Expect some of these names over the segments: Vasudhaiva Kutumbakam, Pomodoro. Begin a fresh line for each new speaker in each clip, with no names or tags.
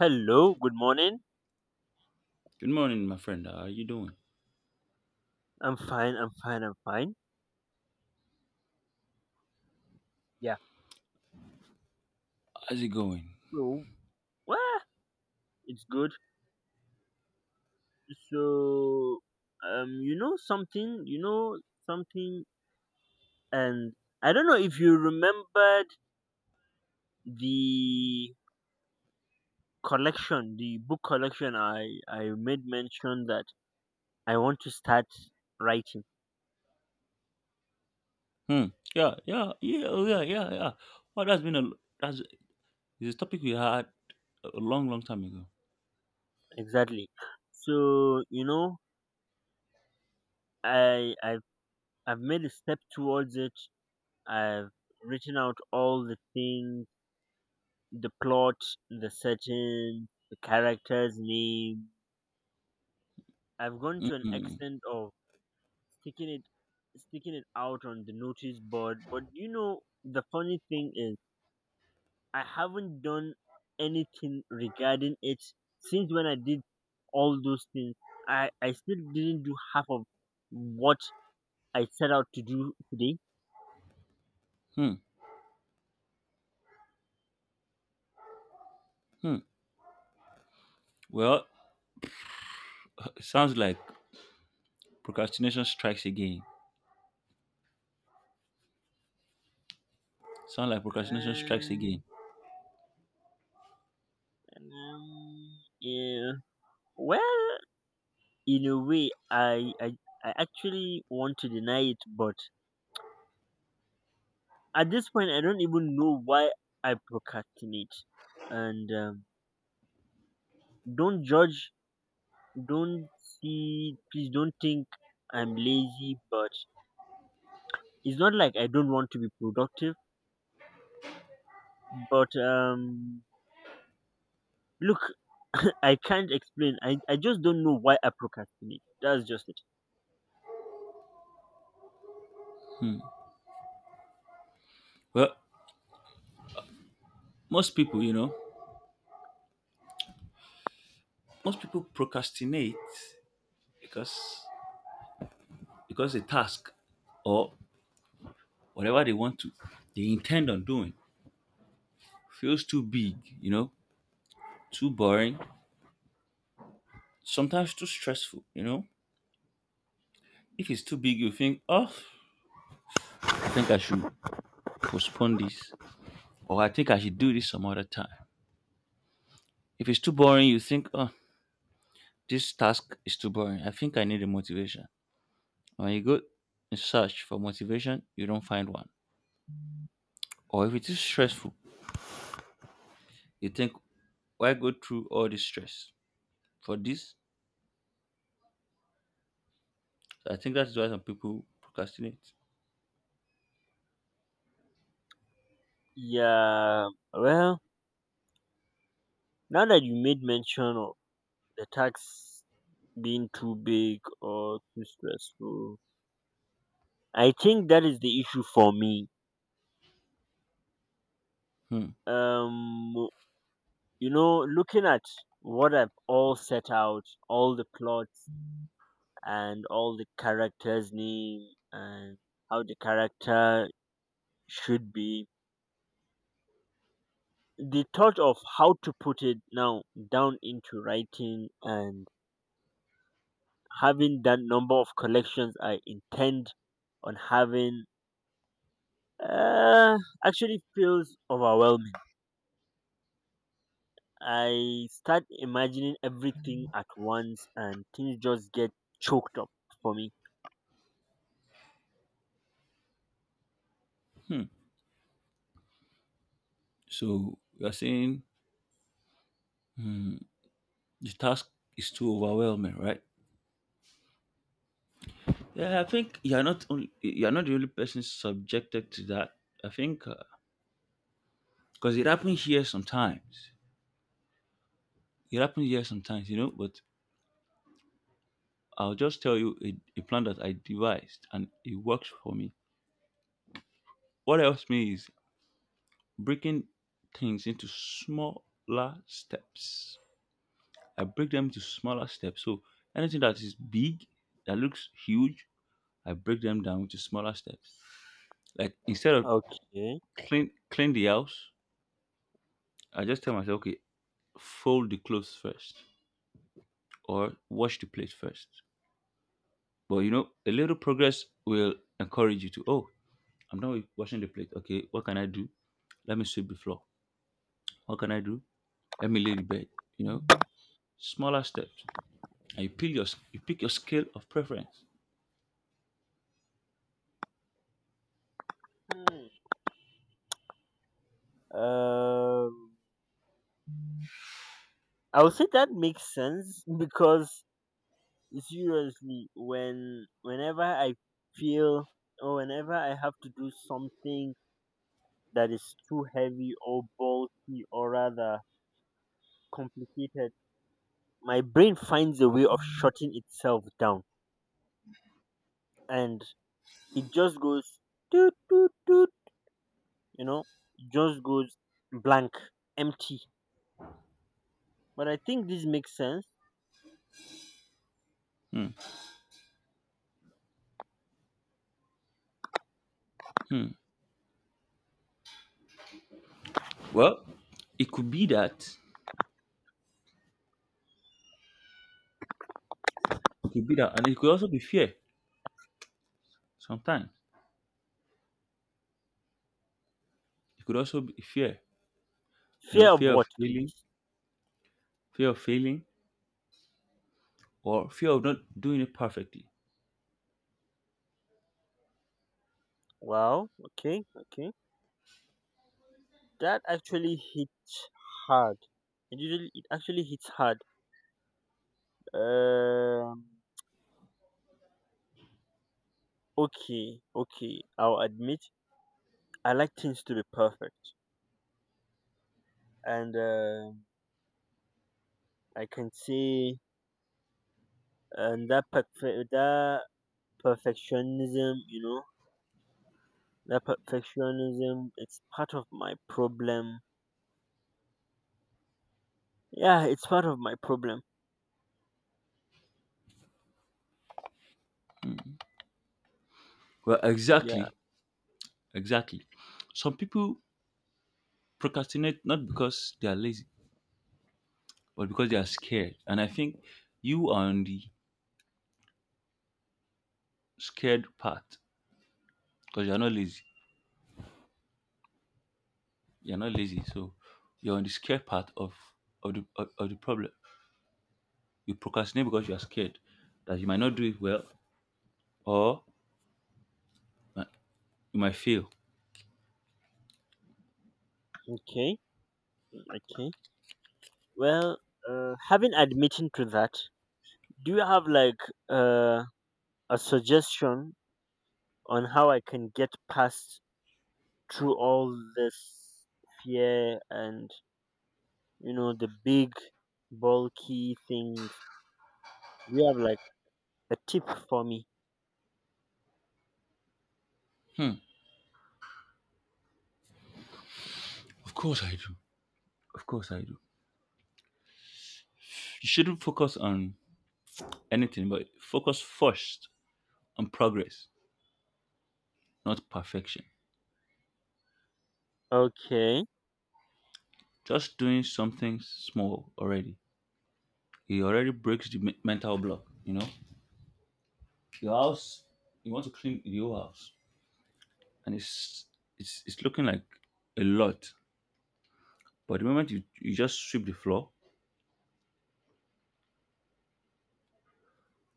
Hello, good morning.
Good morning, my friend. How are you doing?
I'm fine. Yeah.
How's it going?
So, well, it's good. So, you know something, and I don't know if you remembered the collection, the book collection I made mention that I want to start writing.
Hmm. Yeah, yeah, yeah, oh, yeah, yeah, yeah. Well, that's been a that's it's a topic we had a long, long time ago.
Exactly. So, you know, I, I've, I've made a step towards it. I've written out all the things: the plot, the setting, the character's name. I've gone to an
Mm-hmm.
extent of sticking it sticking it out on the notice board. But the funny thing is, I haven't done anything regarding it since when I did all those things. I still didn't do half of what I set out to do today.
Hmm. Hmm. Well, it sounds like procrastination strikes again. Sounds like procrastination strikes
Uh,
again.
yeah. Well, in a way I actually want to deny it, but at this point I don't even know why I procrastinate. And don't judge, don't see please don't think I'm lazy, but it's not like I don't want to be productive. But look I can't explain, I just don't know why I procrastinate. That's just it.
Well, most people, you know, most people procrastinate because because a task or whatever they want to, they intend on doing feels too big, you know, too boring, sometimes too stressful, you know? If it's too big, you think, oh, I think I should postpone this, or I think I should do this some other time. If it's too boring, you think, oh, this task is too boring. I think I need a motivation. When you go and search for motivation, you don't find one. Or if it is stressful, you think, why go through all this stress for this? I think that's why some people procrastinate.
Yeah, well, now that you made mention of the tax being too big or too stressful, I think that is the issue for me.
Hmm.
Um, you know, looking at what I've all set out, all the plots and all the characters' name, and how the character should be, the thought of how to put it now down into writing and having that number of collections I intend on having uh, actually feels overwhelming. I start imagining everything at once and things just get choked up for me.
So you're saying the task is too overwhelming, right? Yeah, I think you're not only you're not the only person subjected to that. I think because it happens here sometimes. It happens here sometimes, you know. But I'll just tell you a plan that I devised and it works for me. What helps me is breaking things into smaller steps. I break them into smaller steps. So anything that is big, that looks huge, I break them down into smaller steps. Like instead of
Okay.
clean the house, I just tell myself, okay, fold the clothes first or wash the plate first. But you know, a little progress will encourage you to, oh, I'm done with washing the plate. Okay, what can I do? Let me sweep the floor. What can I do? Let me lay the bed. You know, smaller steps. And you pick your scale of preference.
Hmm. Um, I would say that makes sense, because seriously, whenever I feel, or whenever I have to do something that is too heavy or bulky or rather complicated, my brain finds a way of shutting itself down, and it just goes, you know, just goes blank, empty. But I think this makes sense.
Hmm. Hmm. Well, it could be that. It could be that, and it could also be fear. Sometimes it could also be fear. You
Fear
know,
of what, please?
fear of failing, or fear of not doing it perfectly.
Wow. Okay, okay, that actually hits hard. It actually hits hard. um okay, okay, I'll admit, I like things to be perfect. And I can say, and that perfect that perfectionism, you know, that perfectionism, it's part of my problem. Yeah, it's part of my problem.
Well, Exactly. Some people procrastinate not because they are lazy, but because they are scared. And I think you are on the scared part because you're not lazy. You're not lazy, so you're on the scared part of the problem. You procrastinate because you are scared that you might not do it well or uh, you might fail.
Okay, okay. Well, having admitting to that, do you have like uh, a suggestion on how I can get past through all this fear and, you know, the big bulky things? Do you have like a tip for me?
Hmm. Of course I do. Of course I do. You shouldn't focus on anything, but focus first on progress, not perfection.
Okay,
Just doing something small already He already breaks the mental block. You know, your house. You want to clean your house, and it's looking like a lot. But the moment you just sweep the floor,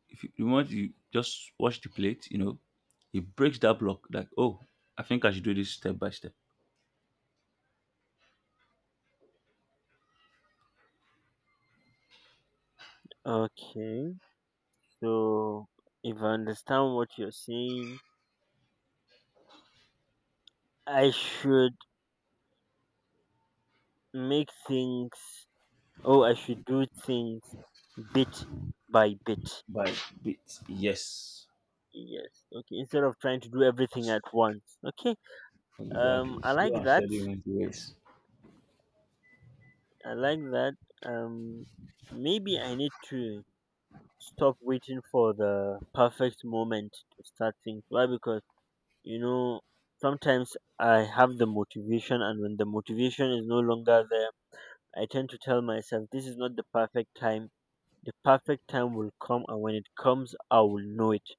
if you, the moment you just wash the plate, you know, it breaks that block. Like, oh, I think I should do this step by step
okay. So if I understand what you're saying, I should make things. Oh, I should do things bit by bit.
by bit. Yes,
Yes. Okay. Instead of trying to do everything at once. Okay.
exactly.
I
Slow
like
and
that.
steady wins the race.
I like that. Um, maybe I need to stop waiting for the perfect moment to start things. Why? Because, you know, sometimes I have the motivation, and when the motivation is no longer there, I tend to tell myself this is not the perfect time. The perfect time will come, and when it comes, I will know it.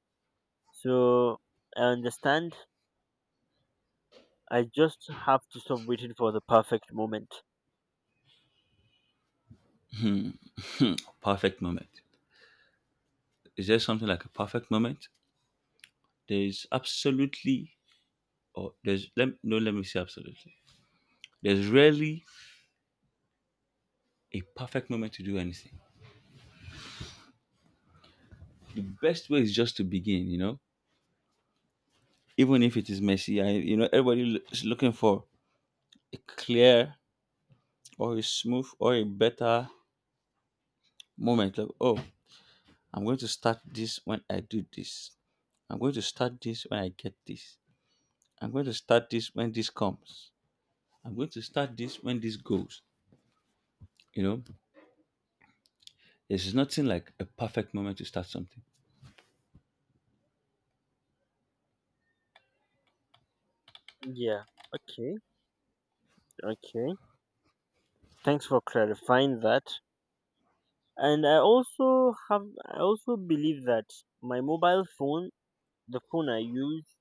So I understand I just have to stop waiting for the perfect moment.
Perfect moment. Is there something like a perfect moment? There is absolutely, or there's let no, let me say absolutely. There's rarely a perfect moment to do anything. The best way is just to begin, you know, even if it is messy. You know, everybody is looking for a clear or a smooth or a better moment. Like, oh, I'm going to start this when I do this. I'm going to start this when I get this. I'm going to start this when this comes. I'm going to start this when this goes. You know, there's nothing like a perfect moment to start something.
Yeah. Okay. Okay. Thanks for clarifying that. And I also believe that my mobile phone, the phone I use,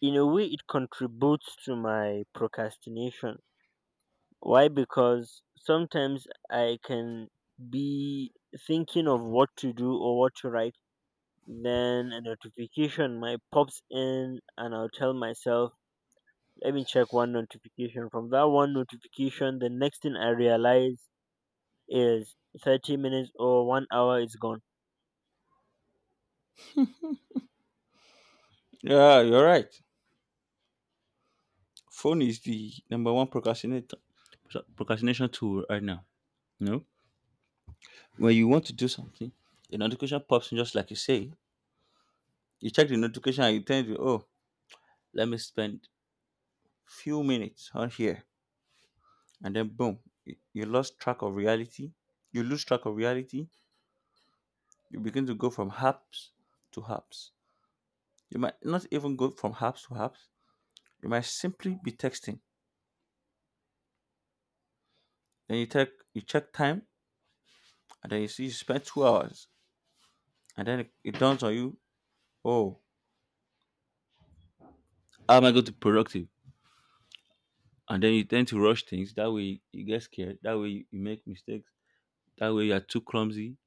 in a way it contributes to my procrastination. Why? Because sometimes I can be thinking of what to do or what to write, then a notification might pops in and I'll tell myself let me check one notification. From that one notification, the next thing I realize is 30 minutes or 1 hour is gone.
Yeah, you're right. Phone is the number one procrastinator procrastination tool right now. No, when you want to do something, a notification pops in just like you say. You check the notification and you tell you, oh, let me spend few minutes on here. And then boom, you lost track of reality. You lose track of reality. You begin to go from haps to haps. You might not even go from haps to haps. You might simply be texting. Then you check time and then you see you spent 2 hours. And then it dawns on you, oh, how am I going to be productive? And then you tend to rush things. That way you get scared. That way you make mistakes. That way you are too clumsy.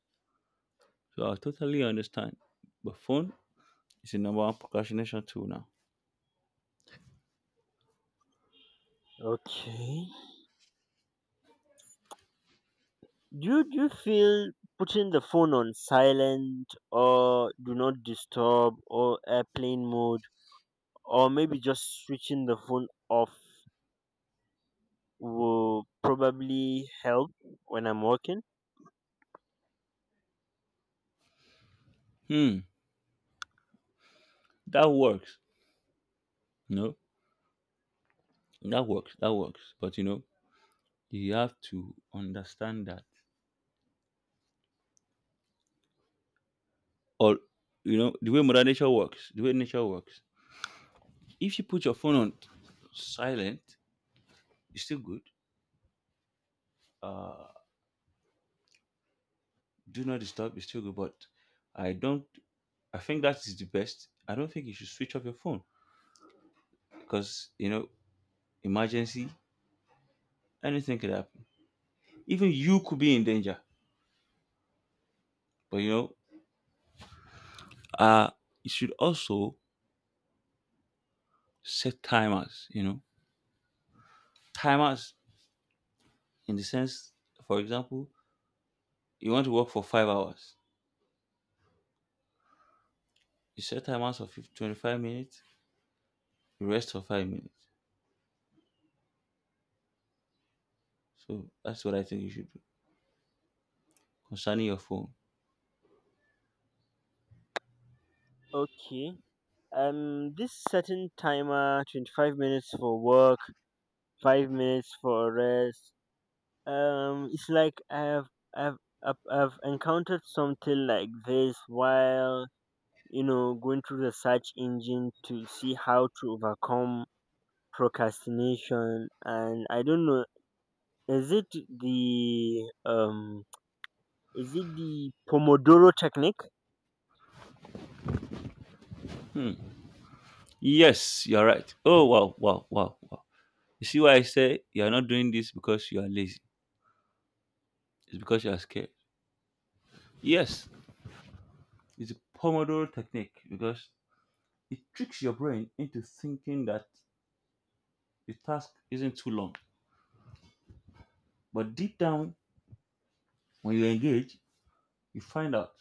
So I totally understand. But phone is the number one procrastination tool now.
Okay. Do you feel putting the phone on silent or do not disturb or airplane mode, or maybe just switching the phone off, will probably help when I'm working?
Hmm, that works. You know, that works. That works. But you know, you have to understand that, or you know, the way Mother Nature works, the way nature works. If you put your phone on silent, it's still good. Do not disturb. It's still good. But I don't. I think that is the best. I don't think you should switch off your phone because you know emergency anything could happen even you could be in danger but you know uh you should also set timers, you know, timers in the sense, for example, you want to work for 5 hours, you set timers of 50 25 minutes, you rest for 5 minutes. So that's what I think you should do concerning your phone.
Okay. This certain timer, 25 minutes for work, 5 minutes for rest, it's like I've I've encountered something like this while, you know, going through the search engine to see how to overcome procrastination, and I don't know. Is it the um? Is it the Pomodoro technique?
Yes, you're right. Oh, wow, wow, wow, wow. You see why I say you're not doing this because you are lazy? It's because you are scared. Yes, it's a Pomodoro technique because it tricks your brain into thinking that the task isn't too long. But deep down, when you engage, you find out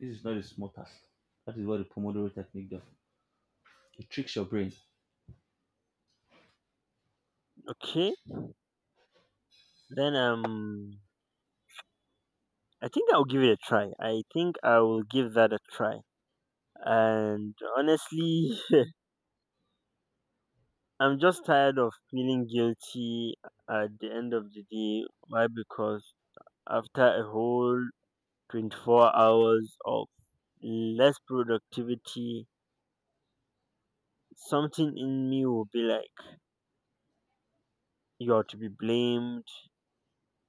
this is not a small task. That is what the Pomodoro technique does. It tricks your brain.
Okay, then I think I'll give it a try. I think I will give that a try. And honestly, I'm just tired of feeling guilty at the end of the day. Why? Because after a whole 24 hours of less productivity, something in me will be like, you're to be blamed,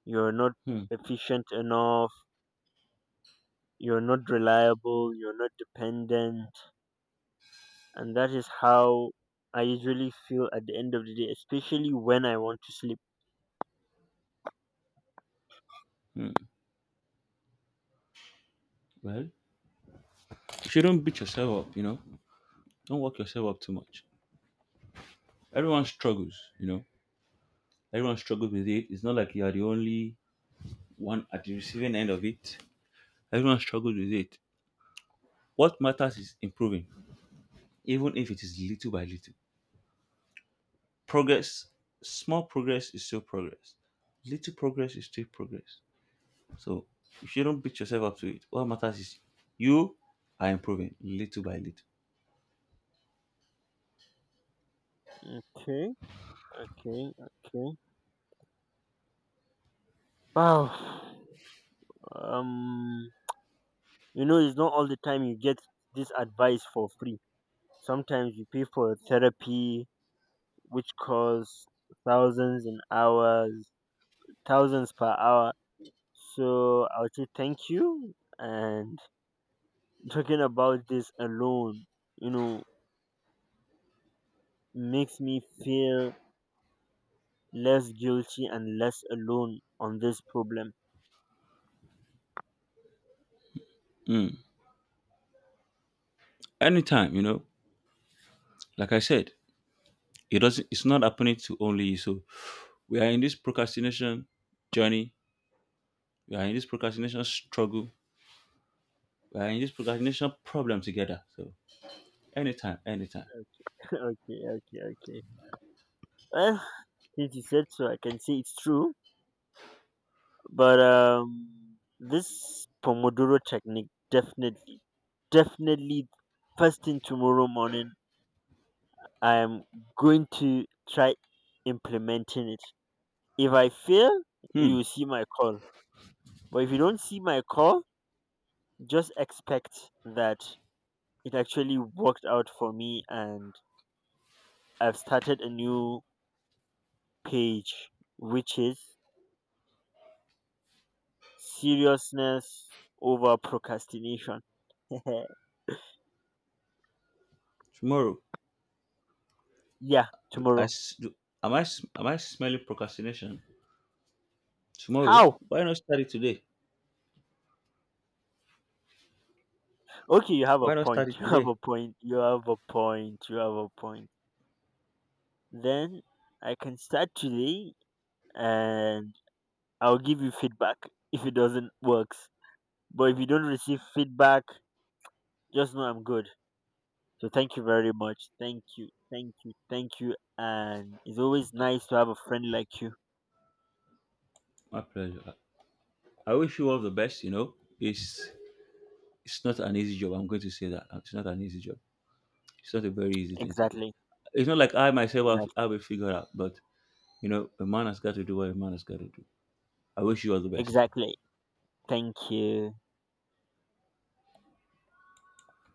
you're not
Hmm.
efficient enough, you're not reliable, you're not dependent. And that is how I usually feel at the end of the day, especially when I want to sleep.
hmm. Well, you shouldn't beat yourself up, you know. Don't work yourself up too much. Everyone struggles, you know. Everyone struggles with it. It's not like you are the only one at the receiving end of it. Everyone struggles with it. What matters is improving, even if it is little by little. Progress, small progress is still progress, little progress is still progress. So if you do not beat yourself up to it, what matters is you are improving little by little.
Okay, okay, okay. Wow. Um, you know, it's not all the time you get this advice for free. Sometimes you pay for therapy, which costs thousands in hours, thousands per hour. So I would say thank you. And talking about this alone, you know, makes me feel less guilty and less alone on this problem.
Anytime, you know, like I said, it's not happening to only you. So we are in this procrastination journey, we are in this procrastination struggle, we are in this procrastination problem together. So anytime, anytime.
Okay, okay, okay. Well, since you said so, I can say it's true. But this Pomodoro technique, definitely, definitely, first thing tomorrow morning, I am going to try implementing it. If I fail, you
hmm
will see my call. But if you don't see my call, just expect that it actually worked out for me and I've started a new page, which is seriousness over procrastination.
tomorrow?
Yeah,
I
tomorrow.
s- do- am I s- Am I smelling procrastination? Tomorrow?
How?
Why not start it today?
Okay, you have a
Why not
point.
start it
You have
today?
a point. You have a point. You have a point. Then I can start today and I'll give you feedback if it doesn't works. But if you don't receive feedback, just know I'm good. So thank you very much. Thank you. Thank you. Thank you. And it's always nice to have a friend like you.
My pleasure. I wish you all the best. You know, it's it's not an easy job. I'm going to say that it's not an easy job. It's not a very easy thing to do.
Exactly.
It's not like I myself
Exactly.
have it figured out, but you know, a man has got to do what a man has got to do. I wish you all the best.
Exactly. Thank you.